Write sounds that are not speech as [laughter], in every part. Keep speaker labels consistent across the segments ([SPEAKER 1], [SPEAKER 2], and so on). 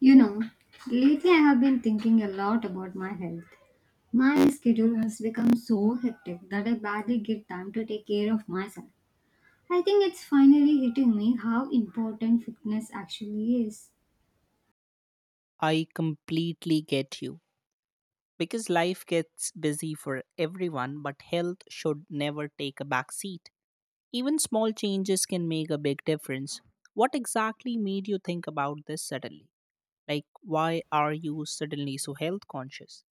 [SPEAKER 1] You know, lately I have been thinking a lot about my health. My schedule has become so hectic that I barely get time to take care of myself. I think it's finally hitting me how important fitness actually is.
[SPEAKER 2] I completely get you. Because life gets busy for everyone, but health should never take a back seat. Even small changes can make a big difference. What exactly made you think about this suddenly? Like, why are you suddenly so health conscious?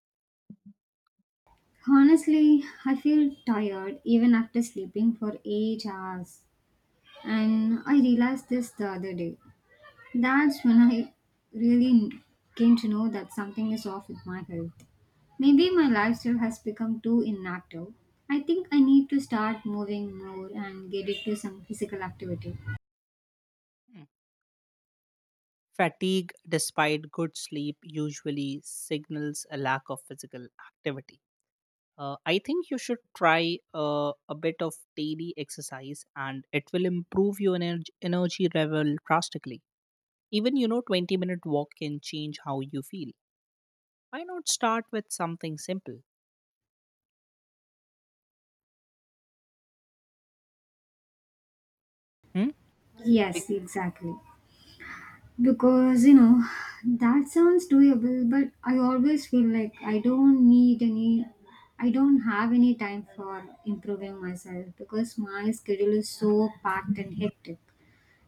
[SPEAKER 1] Honestly, I feel tired even after sleeping for 8 hours. And I realized this the other day. That's when I really came to know that something is off with my health. Maybe my lifestyle has become too inactive. I think I need to start moving more and get into some physical activity.
[SPEAKER 2] Hmm. Fatigue, despite good sleep, usually signals a lack of physical activity. I think you should try a bit of daily exercise, and it will improve your energy level drastically. Even 20-minute walk can change how you feel. Why not start with something simple? Hmm?
[SPEAKER 1] Yes,
[SPEAKER 2] Bec-
[SPEAKER 1] exactly. Because, you know, that sounds doable, but I always feel like I don't have any time for improving myself because my schedule is so packed and hectic.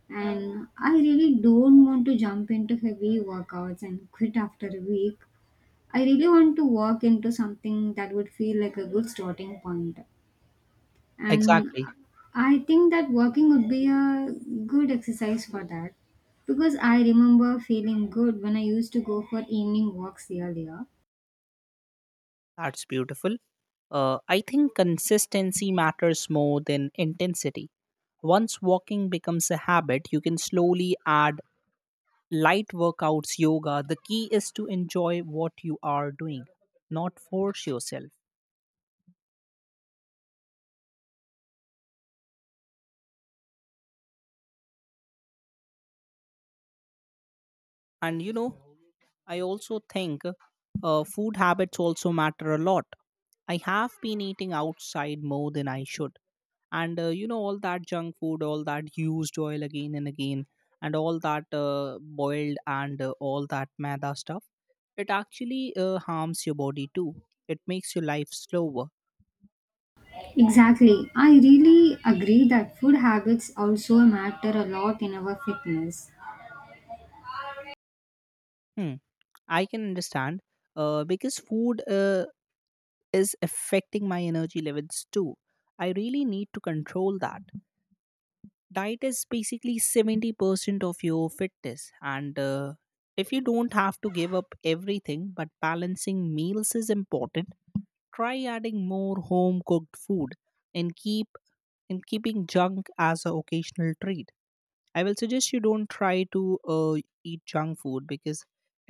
[SPEAKER 1] And I really don't want to jump into heavy workouts and quit after a week. I really want to work into something that would feel like a good starting point. And
[SPEAKER 2] Exactly.
[SPEAKER 1] I think that working would be a good exercise for that because I remember feeling good when I used to go for evening walks earlier.
[SPEAKER 2] That's beautiful. I think consistency matters more than intensity. Once walking becomes a habit, you can slowly add light workouts, yoga. The key is to enjoy what you are doing, not force yourself. And I also think food habits also matter a lot. I have been eating outside more than I should, and all that junk food, all that used oil again and again, and all that boiled and all that maida stuff, it actually harms your body too. It makes your life slower.
[SPEAKER 1] Exactly. I really agree that food habits also matter a lot in our fitness.
[SPEAKER 2] Hmm. I can understand, because food is affecting my energy levels too. I really need to control that. Diet is basically 70% of your fitness, and if you don't have to give up everything, but balancing meals is important. Try adding more home cooked food, and keeping junk as an occasional treat. I will suggest you don't try to eat junk food, because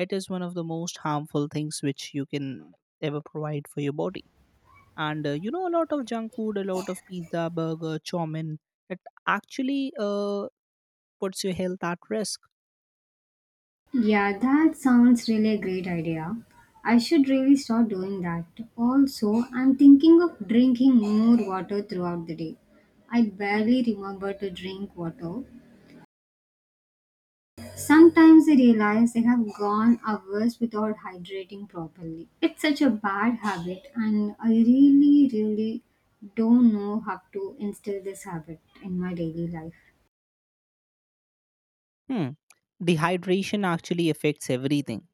[SPEAKER 2] it is one of the most harmful things which you can ever provide for your body. And a lot of junk food, a lot of pizza, burger, chow mein, it actually uh, puts your health at risk.
[SPEAKER 1] Yeah, that sounds really a great idea. I should really start doing that. Also, I'm thinking of drinking more water throughout the day. I barely remember to drink water. Sometimes I realize I have gone hours without hydrating properly. It's such a bad habit, and I really, really don't know how to instill this habit in my daily life.
[SPEAKER 2] Hmm. Dehydration actually affects everything.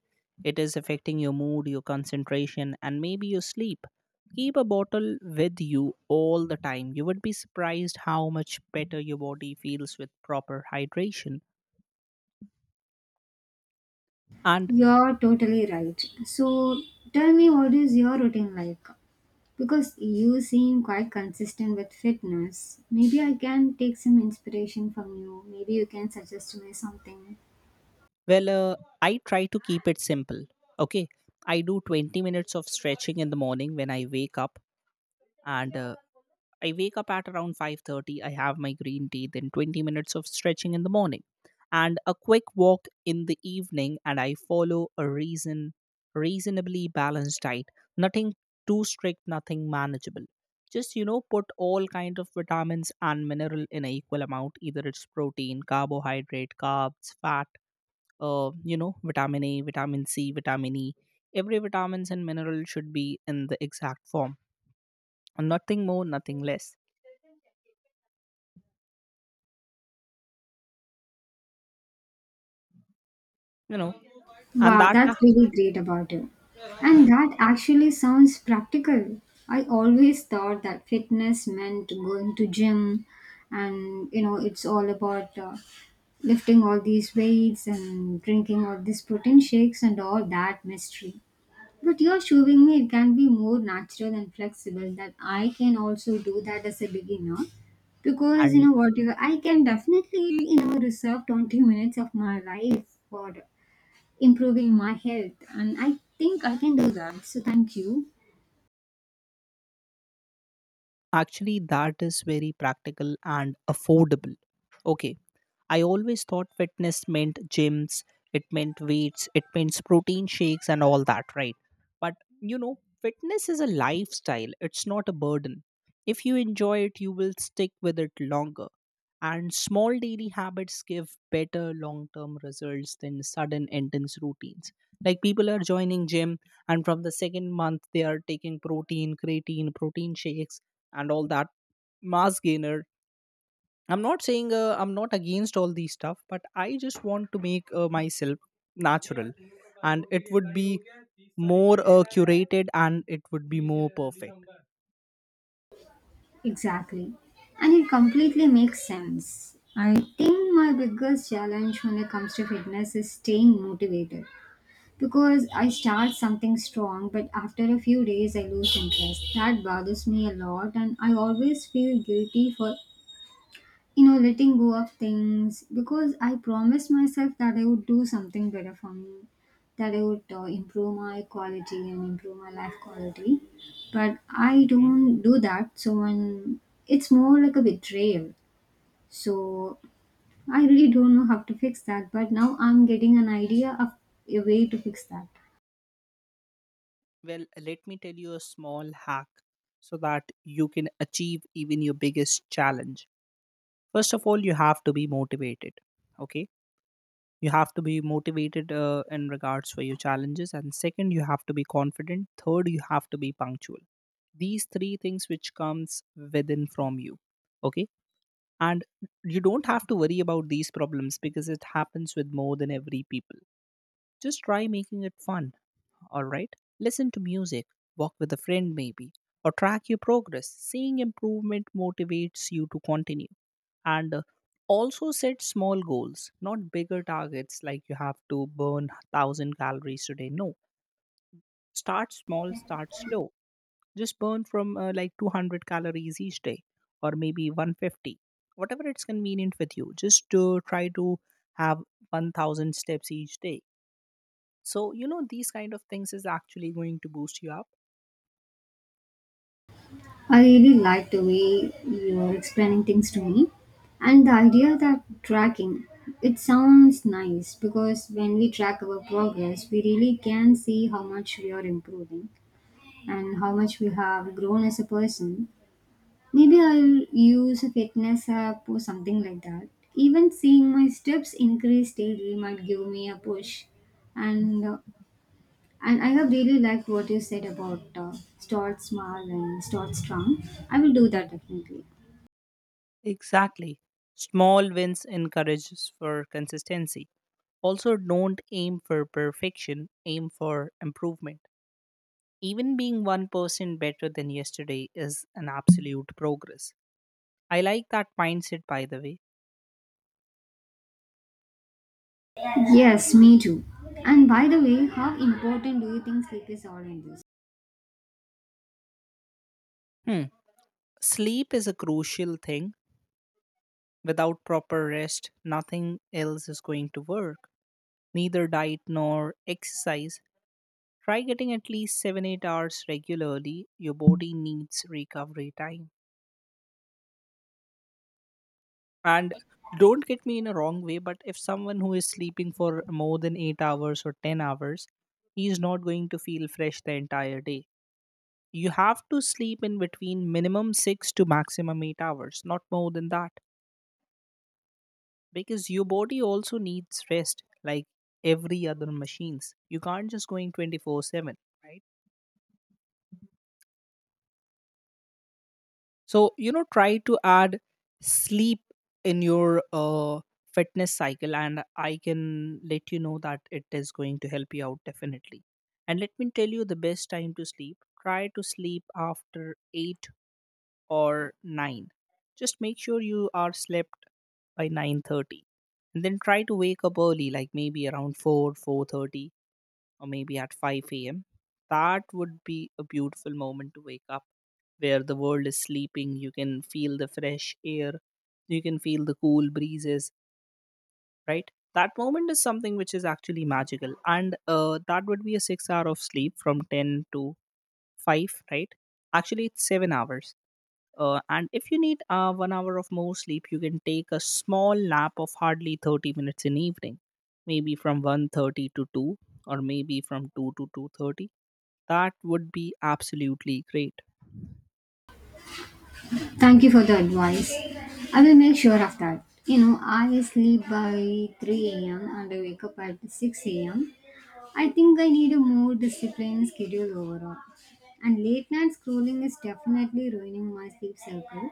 [SPEAKER 2] It is affecting your mood, your concentration, and maybe your sleep. Keep a bottle with you all the time. You would be surprised how much better your body feels with proper hydration. And,
[SPEAKER 1] You're totally right. So, tell me, what is your routine like? Because you seem quite consistent with fitness, maybe I can take some inspiration from you. Maybe you can suggest to me something.
[SPEAKER 2] well, I try to keep it simple. Okay. I do 20 minutes of stretching in the morning when I wake up, and I wake up at around 5:30. I have my green tea, then 20 minutes of stretching in the morning, and a quick walk in the evening, and I follow a reasonably balanced diet. Nothing too strict, nothing manageable. Just, put all kind of vitamins and mineral in an equal amount, either it's protein, carbohydrate, carbs, fat, vitamin A, vitamin C, vitamin E. Every vitamins and mineral should be in the exact form. And nothing more, nothing less you know and
[SPEAKER 1] Wow,
[SPEAKER 2] that ac-
[SPEAKER 1] that's really great about you. And that actually sounds practical. I always thought that fitness meant going to gym and you know it's all about lifting all these weights and drinking all these protein shakes and all that mystery. But you're showing me it can be more natural and flexible that I can also do that as a beginner. Because you
[SPEAKER 2] and
[SPEAKER 1] know what you I can definitely, you know, reserve 20 minutes of my life for improving my health. And I think I can do that. So thank you.
[SPEAKER 2] Actually, that is very practical and affordable. Okay. I always thought fitness meant gyms, it meant weights, it meant protein shakes and all that, right? But, you know, fitness is a lifestyle, it's not a burden. If you enjoy it, you will stick with it longer. And small daily habits give better long term results than sudden intense routines. Like, people are joining gym, and from the second month they are taking protein, creatine, protein shakes, and all that mass gainer. I'm not against all these stuff, but I just want to make myself natural, and it would be more curated, and it would be more perfect.
[SPEAKER 1] Exactly. And it completely makes sense. I think my biggest challenge when it comes to fitness is staying motivated because I start something strong, but after a few days I lose interest. That bothers me a lot, and I always feel guilty for letting go of things because I promised myself that I would do something better for me, that I would improve my quality and improve my life quality, but I
[SPEAKER 2] Mhm.
[SPEAKER 1] don't do that. So when it's more like a betrayal. So I really don't know how to fix that, but now I'm getting an idea of a way to fix that.
[SPEAKER 2] Well, let me tell you a small hack so that you can achieve even your biggest challenge. First of all, you have to be motivated. Okay, you have to be motivated in regards for your challenges, and second, you have to be confident, third, you have to be punctual. These three things which comes within from you. Okay. And you don't have to worry about these problems because it happens with more than every people. Just try making it fun. All right, listen to music, walk with a friend maybe, or track your progress. Seeing improvement motivates you to continue, and also set small goals, not bigger targets like you have to burn 1,000 calories today. No, start small, start slow. Just burn from like 200 calories each day, or maybe 150, whatever it's convenient with you. Just to try to have 1,000 steps each day. So, these kind of things is actually going to boost you up.
[SPEAKER 1] I really like the way you're explaining things to me, and the idea that tracking, it sounds nice because when we track our progress we really can see how much we are improving and how much we have grown as a person. Maybe I'll use a fitness app or something like that. Even seeing my steps increase daily might give me a push. And and I have really liked what you said about start small and start strong. I will do that definitely.
[SPEAKER 2] Exactly, small wins encourages for consistency. Also, don't aim for perfection, aim for improvement. Even being 1% better than yesterday is an absolute progress. I like that mindset, by the way.
[SPEAKER 1] Yes, me too. And by the way, how important do you think sleep is all in this?
[SPEAKER 2] Hmm. Sleep is a crucial thing. Without proper rest, nothing else is going to work. Neither diet nor exercise. Try getting at least 7 8 hours regularly. Your body needs recovery time. And don't get me in a wrong way, but if someone who is sleeping for more than 8 hours or 10 hours, he is not going to feel fresh the entire day. You have to sleep in between minimum 6 to maximum 8 hours, not more than that, because your body also needs rest like every other machines. You can't just go in 24/7. Right? So, try to add sleep in your fitness cycle, and I can let you know that it is going to help you out definitely. And let me tell you the best time to sleep, try to sleep after 8 or 9. Just make sure you are slept by 9:30, and then try to wake up early, like maybe around 4, 4:30, or maybe at 5 a.m. That would be a beautiful moment to wake up, where the world is sleeping. You can feel the fresh air, you can feel the cool breezes. Right, that moment is something which is actually magical. And that would be a 6 hour of sleep from 10 to 5. Right, actually it's 7 hours. And if you need 1 hour of more sleep, you can take a small nap of hardly 30 minutes in evening, maybe from 1:30 to 2, or maybe from 2 to 2:30. That would be absolutely great.
[SPEAKER 1] Thank you for the advice. I will make sure of that. You know, I sleep by 3 a.m. and I wake up at 6 a.m. I think I need a more disciplined schedule overall. And late night scrolling is definitely ruining my sleep cycle.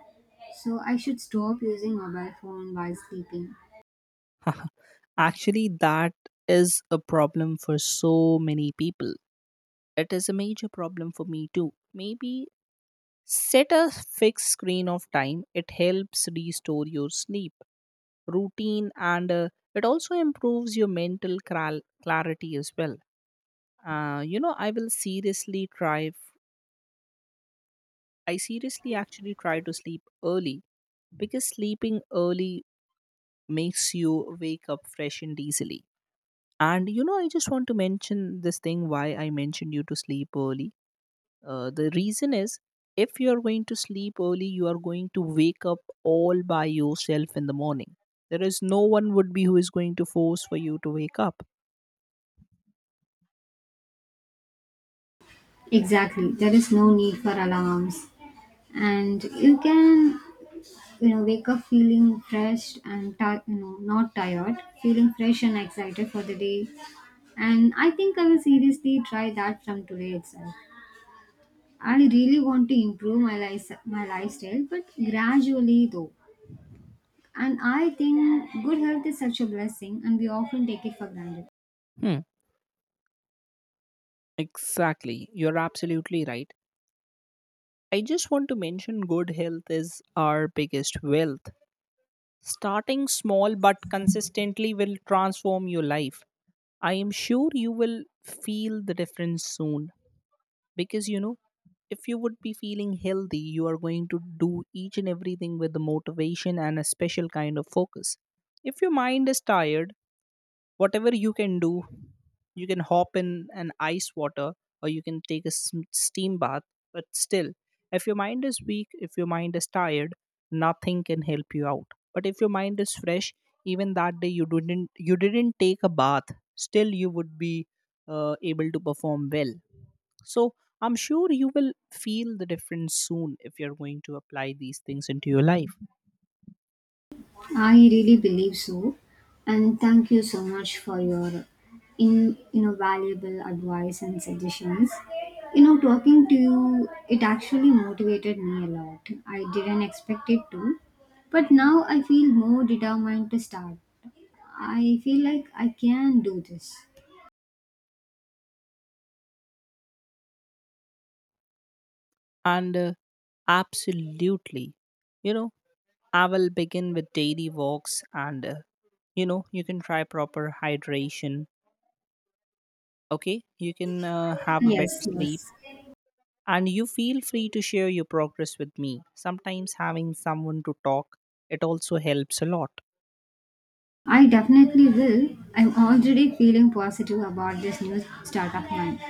[SPEAKER 1] So I should stop using mobile phone while sleeping.
[SPEAKER 2] [laughs] Actually, that is a problem for so many people. It is a major problem for me too. Maybe set a fixed screen of time. It helps restore your sleep routine, and it also improves your mental clarity as well. Uh, you know, I will seriously try, f- I seriously actually try to sleep early, because sleeping early makes you wake up fresh and easily. And, I just want to mention this thing why I mentioned you to sleep early. The reason is, if you are going to sleep early, you are going to wake up all by yourself in the morning. There is no one would be who is going to force for you to wake up.
[SPEAKER 1] Exactly. There is no need for alarms. And you can, you know, wake up feeling fresh and, not tired, feeling fresh and excited for the day. And I think I will seriously try that from today itself. I really want to improve my, life, my lifestyle, but gradually though. And I think good health is such a blessing and we often take it for granted.
[SPEAKER 2] Hmm, exactly. You're absolutely right. I just want to mention good health is our biggest wealth. Starting small but consistently will transform your life. I am sure you will feel the difference soon, because, if you would be feeling healthy, you are going to do each and everything with the motivation and a special kind of focus. If your mind is tired, whatever you can do, you can hop in an ice water, or you can take a steam bath. But still, if your mind is weak, if your mind is tired, nothing can help you out. But if your mind is fresh, even that day you didn't take a bath, still you would be able to perform well. So I'm sure you will feel the difference soon if you're going to apply these things into your life.
[SPEAKER 1] I really believe so. And thank you so much for your in you know valuable advice and suggestions. You know, talking to you, it actually motivated me a lot. I didn't expect it to, but now I feel more determined to start. I feel like I can do this.
[SPEAKER 2] And absolutely, you know, I will begin with daily walks, and, you can try proper hydration. Okay. You can have a better
[SPEAKER 1] Yes,
[SPEAKER 2] sleep,
[SPEAKER 1] yes.
[SPEAKER 2] and you feel free to share your progress with me. Sometimes having someone to talk, it also helps a lot.
[SPEAKER 1] I definitely will. I'm already feeling positive about this new start of mine.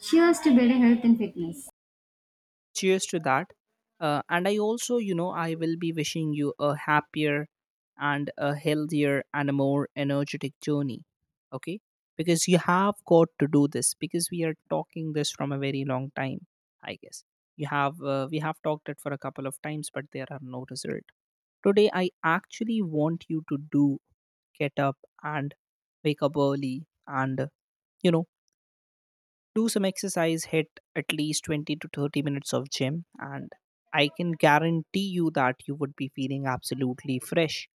[SPEAKER 1] Cheers to better health and fitness.
[SPEAKER 2] Cheers to that. And I also I will be wishing you a happier and a healthier and a more energetic journey. Okay, because you have got to do this, because we are talking this from a very long time, I guess. You have we have talked it for a couple of times, but there are no result. Today I actually want you to do, get up and wake up early, and you know do some exercise, hit at least 20 to 30 minutes of gym, and I can guarantee you that you would be feeling absolutely fresh,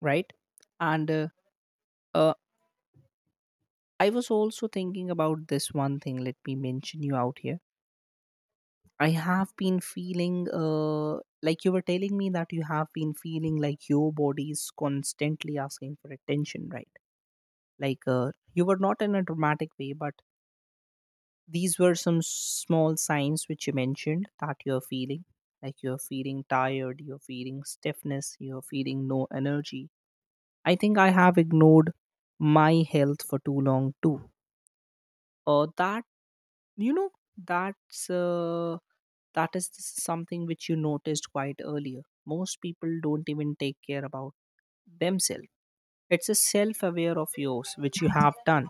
[SPEAKER 2] right? And uh, I was also thinking about this one thing, let me mention you out here. I have been feeling like you were telling me that you have been feeling like your body is constantly asking for attention, right? Like you were not in a dramatic way, but these were some small signs which you mentioned, that you're feeling like you're feeling tired, you're feeling stiffness, you're feeling no energy. I think I have ignored my health for too long too. That you know that's uh, that is something which you noticed quite earlier. Most people don't even take care about themselves. It's a self aware of yours which you have done.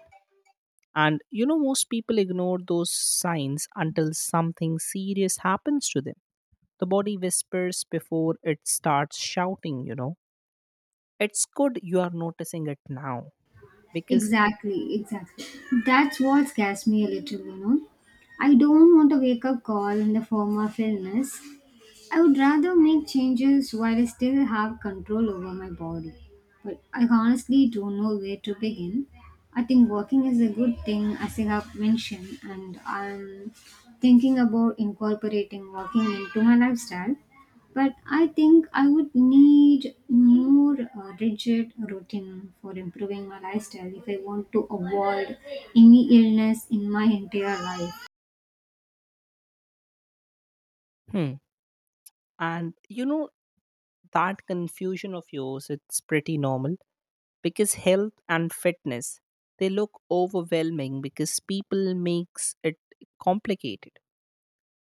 [SPEAKER 2] And you know, most people ignore those signs until something serious happens to them. The body whispers before it starts shouting, you know. It's good you are noticing it now, because,
[SPEAKER 1] Exactly, exactly. That's what scares me a little, you know. I don't want a wake up call in the form of illness. I would rather make changes while I still have control over my body. But I honestly don't know where to begin. I think walking is a good thing, as I have mentioned, and I'm thinking about incorporating walking into my lifestyle. But I think I would need more rigid routine for improving my lifestyle if I want to avoid any illness in my entire life.
[SPEAKER 2] hmm, and you know, that confusion of yours, it's pretty normal, because health and fitness, they look overwhelming because people makes it complicated.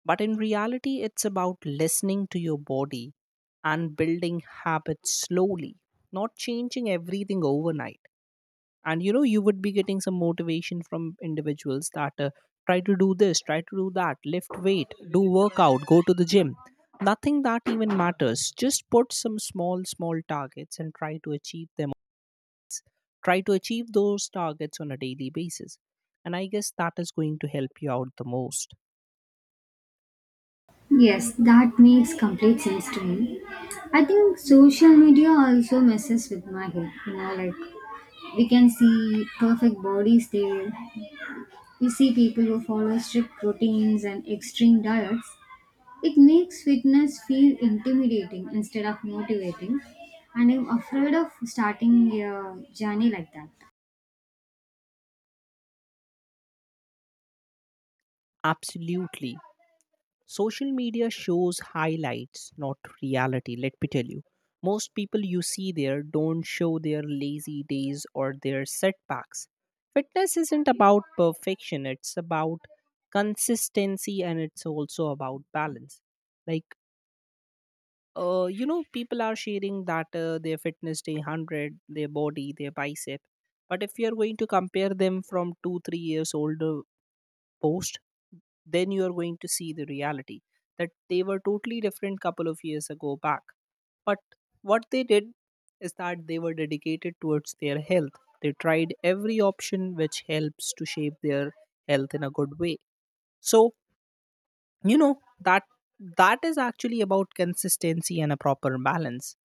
[SPEAKER 2] But in reality, it's about listening to your body and building habits slowly, not changing everything overnight. And you know, you would be getting some motivation from individuals that try to do this, try to do that, lift weight, do workout, go to the gym. Nothing that even matters. Just put some small small targets and try to achieve them, try to achieve those targets on a daily basis, and I guess that is going to help you out the most.
[SPEAKER 1] Yes, that makes complete sense to me. I think social media also messes with my head. You know, like, we can see perfect bodies there. We see people who follow strict routines and extreme diets. It makes fitness feel intimidating instead of motivating. And I'm afraid of starting a journey like that.
[SPEAKER 2] Absolutely. Social media shows highlights, not reality, let me tell you. Most people you see there don't show their lazy days or their setbacks. Fitness isn't about perfection, it's about consistency, and it's also about balance. Like, you know, people are sharing that their fitness day 100, their body, their bicep. But if you're going to compare them from two, 3 years older post, then you are going to see the reality, that they were totally different couple of years ago back. But what they did is that they were dedicated towards their health. They tried every option which helps to shape their health in a good way. So you know, that is actually about consistency and a proper balance.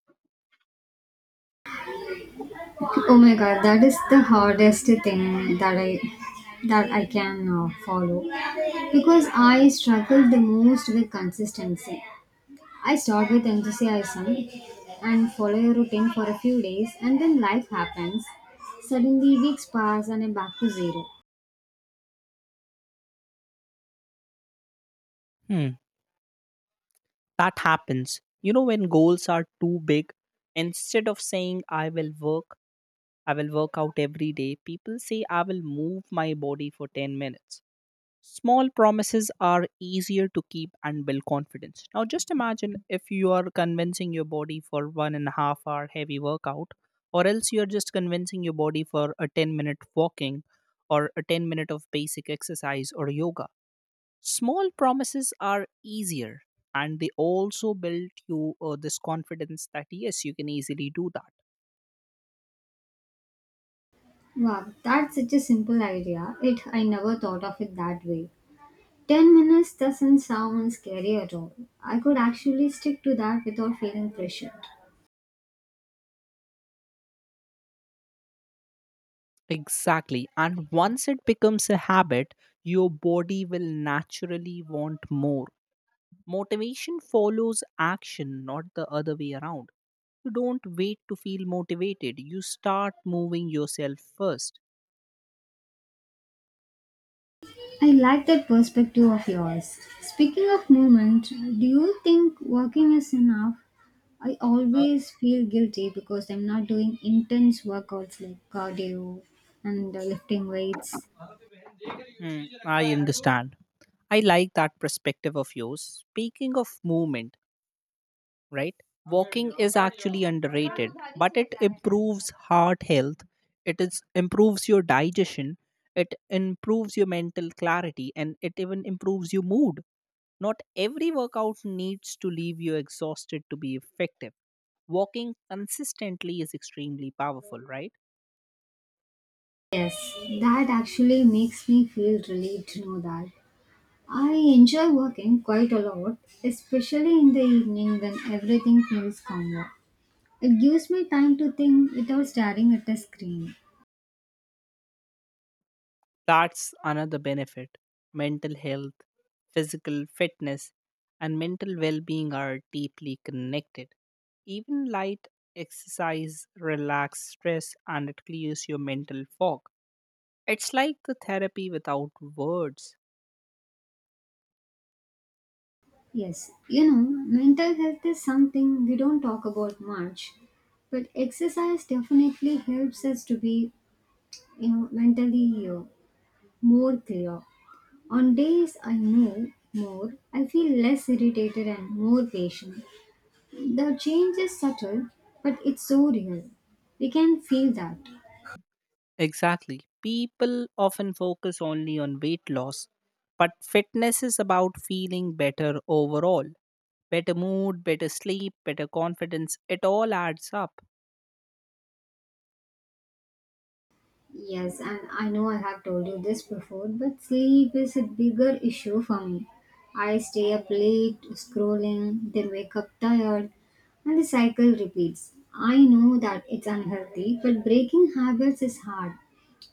[SPEAKER 1] Oh my god, that is the hardest thing that I can follow because I struggle the most with consistency. I start with enthusiasm and follow a routine for a few days, and then life happens. Suddenly, weeks pass and I'm back to zero.
[SPEAKER 2] Hmm. That happens, you know, when goals are too big. Instead of saying I will work I will work out every day. People say I will move my body for 10 minutes. Small promises are easier to keep and build confidence. Now, just imagine if you are convincing your body for 1.5 hour heavy workout, or else you're just convincing your body for a 10-minute walking or a 10 minute of basic exercise or yoga. Small promises are easier, and they also build you this confidence that yes, you can easily do that.
[SPEAKER 1] Wow, that's such a simple idea. It I never thought of it that way. 10 minutes doesn't sound scary at all. I could actually stick to that without feeling pressured.
[SPEAKER 2] Exactly. And once it becomes a habit, your body will naturally want more. Motivation follows action, not the other way around. You don't wait to feel motivated, you start moving yourself first.
[SPEAKER 1] I like that perspective of yours. Speaking of movement, do you think working is enough? I
[SPEAKER 2] Uh,
[SPEAKER 1] always feel guilty because I'm not doing intense workouts like cardio and lifting weights.
[SPEAKER 2] I understand. I like that perspective of yours. Speaking of movement, right? Walking is actually underrated, but it improves heart health, it is improves your digestion, it improves your mental clarity, and it even improves your mood. Not every workout needs to leave you exhausted to be effective. Walking consistently is extremely powerful, right?
[SPEAKER 1] Yes, that actually makes me feel relieved to know that. I enjoy working quite a lot, especially in the evening when everything feels calmer. It gives me time to think without staring at the screen.
[SPEAKER 2] That's another benefit. Mental health, physical fitness, and mental well being are deeply connected. Even light exercise relax stress and it clears your mental fog. It's like the therapy without words.
[SPEAKER 1] Yes, you know, mental health is something we don't talk about much, but exercise definitely helps us to be, you know, mentally more clear. On days I know more, I feel less irritated and more patient. The change is subtle, but it's so real. We can feel that.
[SPEAKER 2] Exactly. People often focus only on weight loss, but fitness is about feeling better overall. Better mood, better sleep, better confidence, it all adds up.
[SPEAKER 1] Yes, and I know I have told you this before, but sleep is a bigger issue for me. I stay up late scrolling, then wake up tired, and the cycle repeats. I know that it's unhealthy, but breaking habits is hard.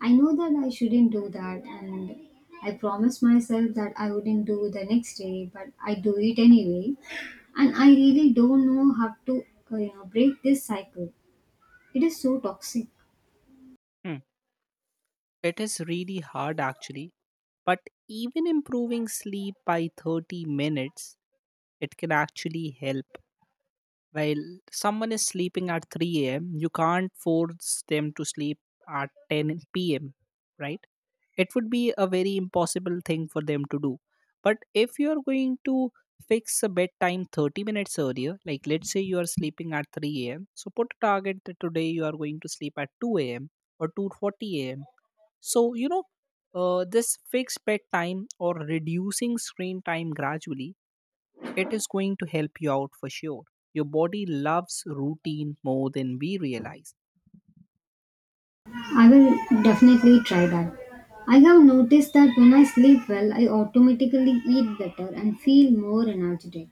[SPEAKER 1] I know that I shouldn't do that, and I promised myself that I wouldn't do the next day, but I do it anyway. And I really don't know how to you know, break this cycle. It is so toxic.
[SPEAKER 2] Hmm. It is really hard actually, but even improving sleep by 30 minutes, it can actually help. While someone is sleeping at 3 a.m., you can't force them to sleep at 10 p.m., right? It would be a very impossible thing for them to do. But if you're going to fix a bedtime 30 minutes earlier, like let's say you are sleeping at 3 a.m., so put a target that today you are going to sleep at 2 a.m. or 2:40 a.m. So, you know, this fixed bedtime or reducing screen time gradually, it is going to help you out for sure. Your body loves routine more than we realize.
[SPEAKER 1] I will definitely try that. I have noticed that when I sleep well, I automatically eat better and feel more energetic.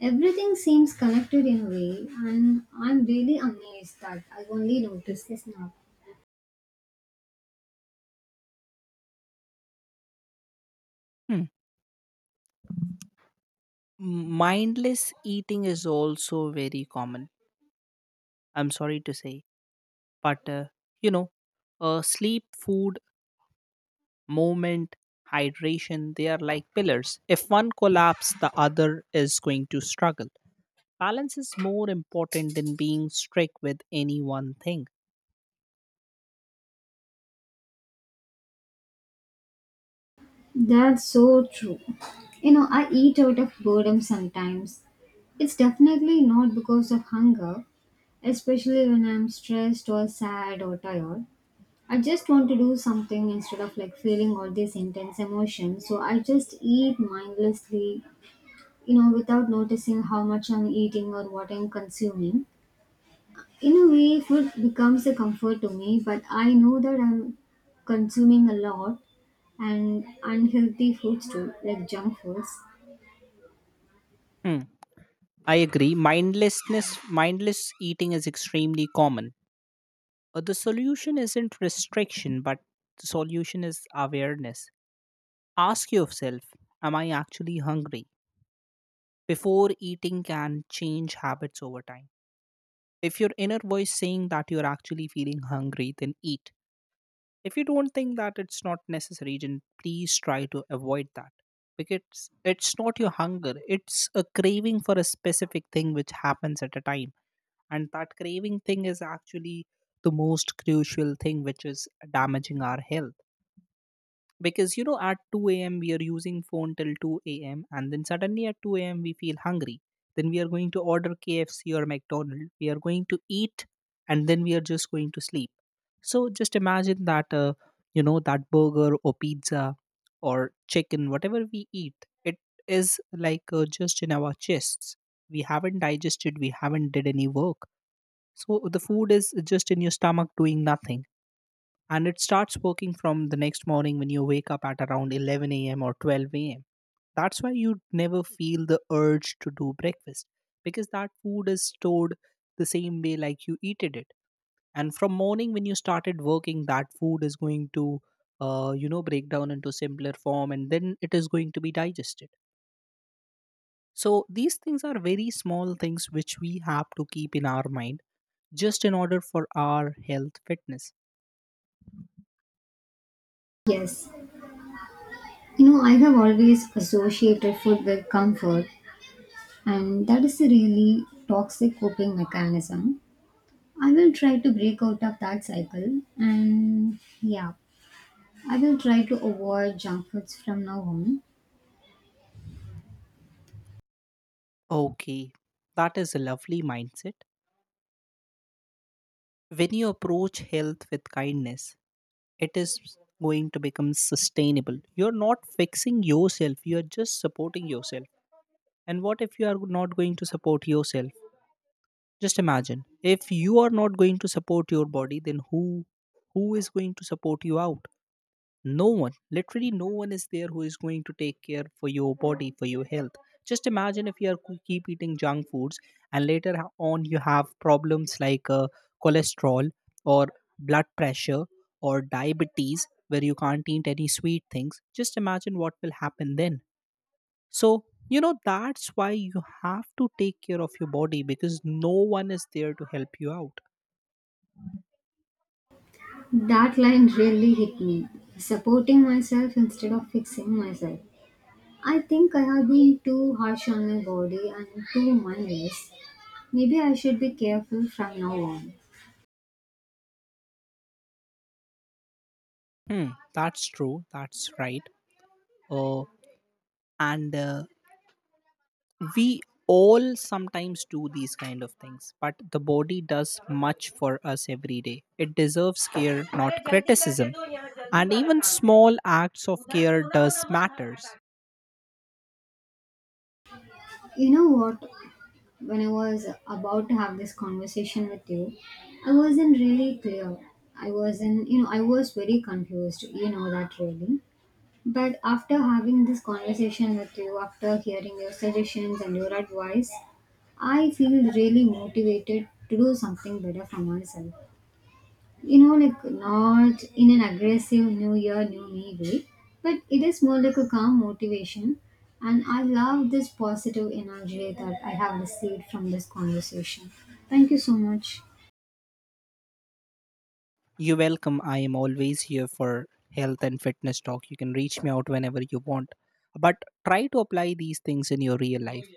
[SPEAKER 1] Everything seems connected in a way, and I'm really amazed that I only noticed this now.
[SPEAKER 2] Hmm. Mindless eating is also very common, I'm sorry to say. But, you know, sleep, food, movement, hydration, they are like pillars. If one collapse, the other is going to struggle. Balance is more important than being strict with any one thing.
[SPEAKER 1] That's so true. You know, I eat out of boredom sometimes. It's definitely not because of hunger, especially when I'm stressed or sad or tired. I just want to do something instead of like feeling all these intense emotions. So I just eat mindlessly, you know, without noticing how much I'm eating or what I'm consuming. In a way, food becomes a comfort to me, but I know that I'm consuming a lot and unhealthy foods too, like junk foods.
[SPEAKER 2] Mm, I agree. Mindlessness, mindless eating is extremely common. The solution isn't restriction, but the solution is awareness. Ask yourself, am I actually hungry? Before eating can change habits over time. If your inner voice saying that you're actually feeling hungry, then eat. If you don't think that it's not necessary, then please try to avoid that. Because it's not your hunger, it's a craving for a specific thing which happens at a time, and that craving thing is actually the most crucial thing which is damaging our health. Because you know, at 2 a.m we are using phone till 2 a.m, and then suddenly at 2 a.m we feel hungry, then we are going to order KFC or McDonald's, we are going to eat and then we are just going to sleep. So just imagine that that burger or pizza or chicken, whatever we eat it, is like just in our chests. We haven't digested, we haven't did any work, so the food is just in your stomach doing nothing. And it starts working from the next morning when you wake up at around 11 a.m. or 12 a.m. That's why you never feel the urge to do breakfast, because that food is stored the same way like you eated it. And from morning when you started working, that food is going to, break down into simpler form, and then it is going to be digested. So these things are very small things which we have to keep in our mind, just in order for our health fitness.
[SPEAKER 1] Yes, you know, I have always associated food with comfort, and that is a really toxic coping mechanism. I will try to break out of that cycle and, yeah, I will try to avoid junk foods from now on.
[SPEAKER 2] Okay, that is a lovely mindset. When you approach health with kindness, it is going to become sustainable. You're not fixing yourself, you're just supporting yourself. And what if you are not going to support yourself? Just imagine if you are not going to support your body, then who is going to support you out? No one, literally no one is there who is going to take care for your body, for your health. Just imagine if you are keep eating junk foods, and later on you have problems like cholesterol or blood pressure or diabetes, where you can't eat any sweet things. Just imagine what will happen then. So you know, that's why you have to take care of your body, because no one is there to help you out.
[SPEAKER 1] That line really hit me. Supporting myself instead of fixing myself. I think I have been too harsh on my body and too mindless. Maybe I should be careful from now on.
[SPEAKER 2] Hmm, that's true. That's right. Uh, and We all sometimes do these kind of things, but the body does much for us every day. It deserves care, not criticism, and even small acts of care does matters.
[SPEAKER 1] You know what? When I was about to have this conversation with you, I wasn't really clear. I wasn't, you know, I was very confused. You know that really. But after having this conversation with you, after hearing your suggestions and your advice, I feel really motivated to do something better for myself. You know, like not in an aggressive new year, new me way, but it is more like a calm motivation. And I love this positive energy that I have received from this conversation. Thank you so much.
[SPEAKER 2] You are welcome. I am always here for health and fitness talk. You can reach me out whenever you want, but try to apply these things in your real life.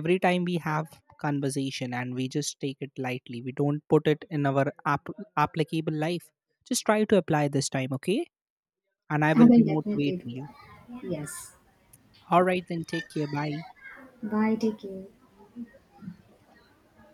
[SPEAKER 2] Every time we have conversation and we just take it lightly, we don't put it in our applicable life. Just try to apply this time, okay? And I
[SPEAKER 1] I
[SPEAKER 2] will be
[SPEAKER 1] will definitely
[SPEAKER 2] motivating
[SPEAKER 1] do
[SPEAKER 2] you.
[SPEAKER 1] that. Yes.
[SPEAKER 2] All right, then take care. Bye.
[SPEAKER 1] Bye. Take care.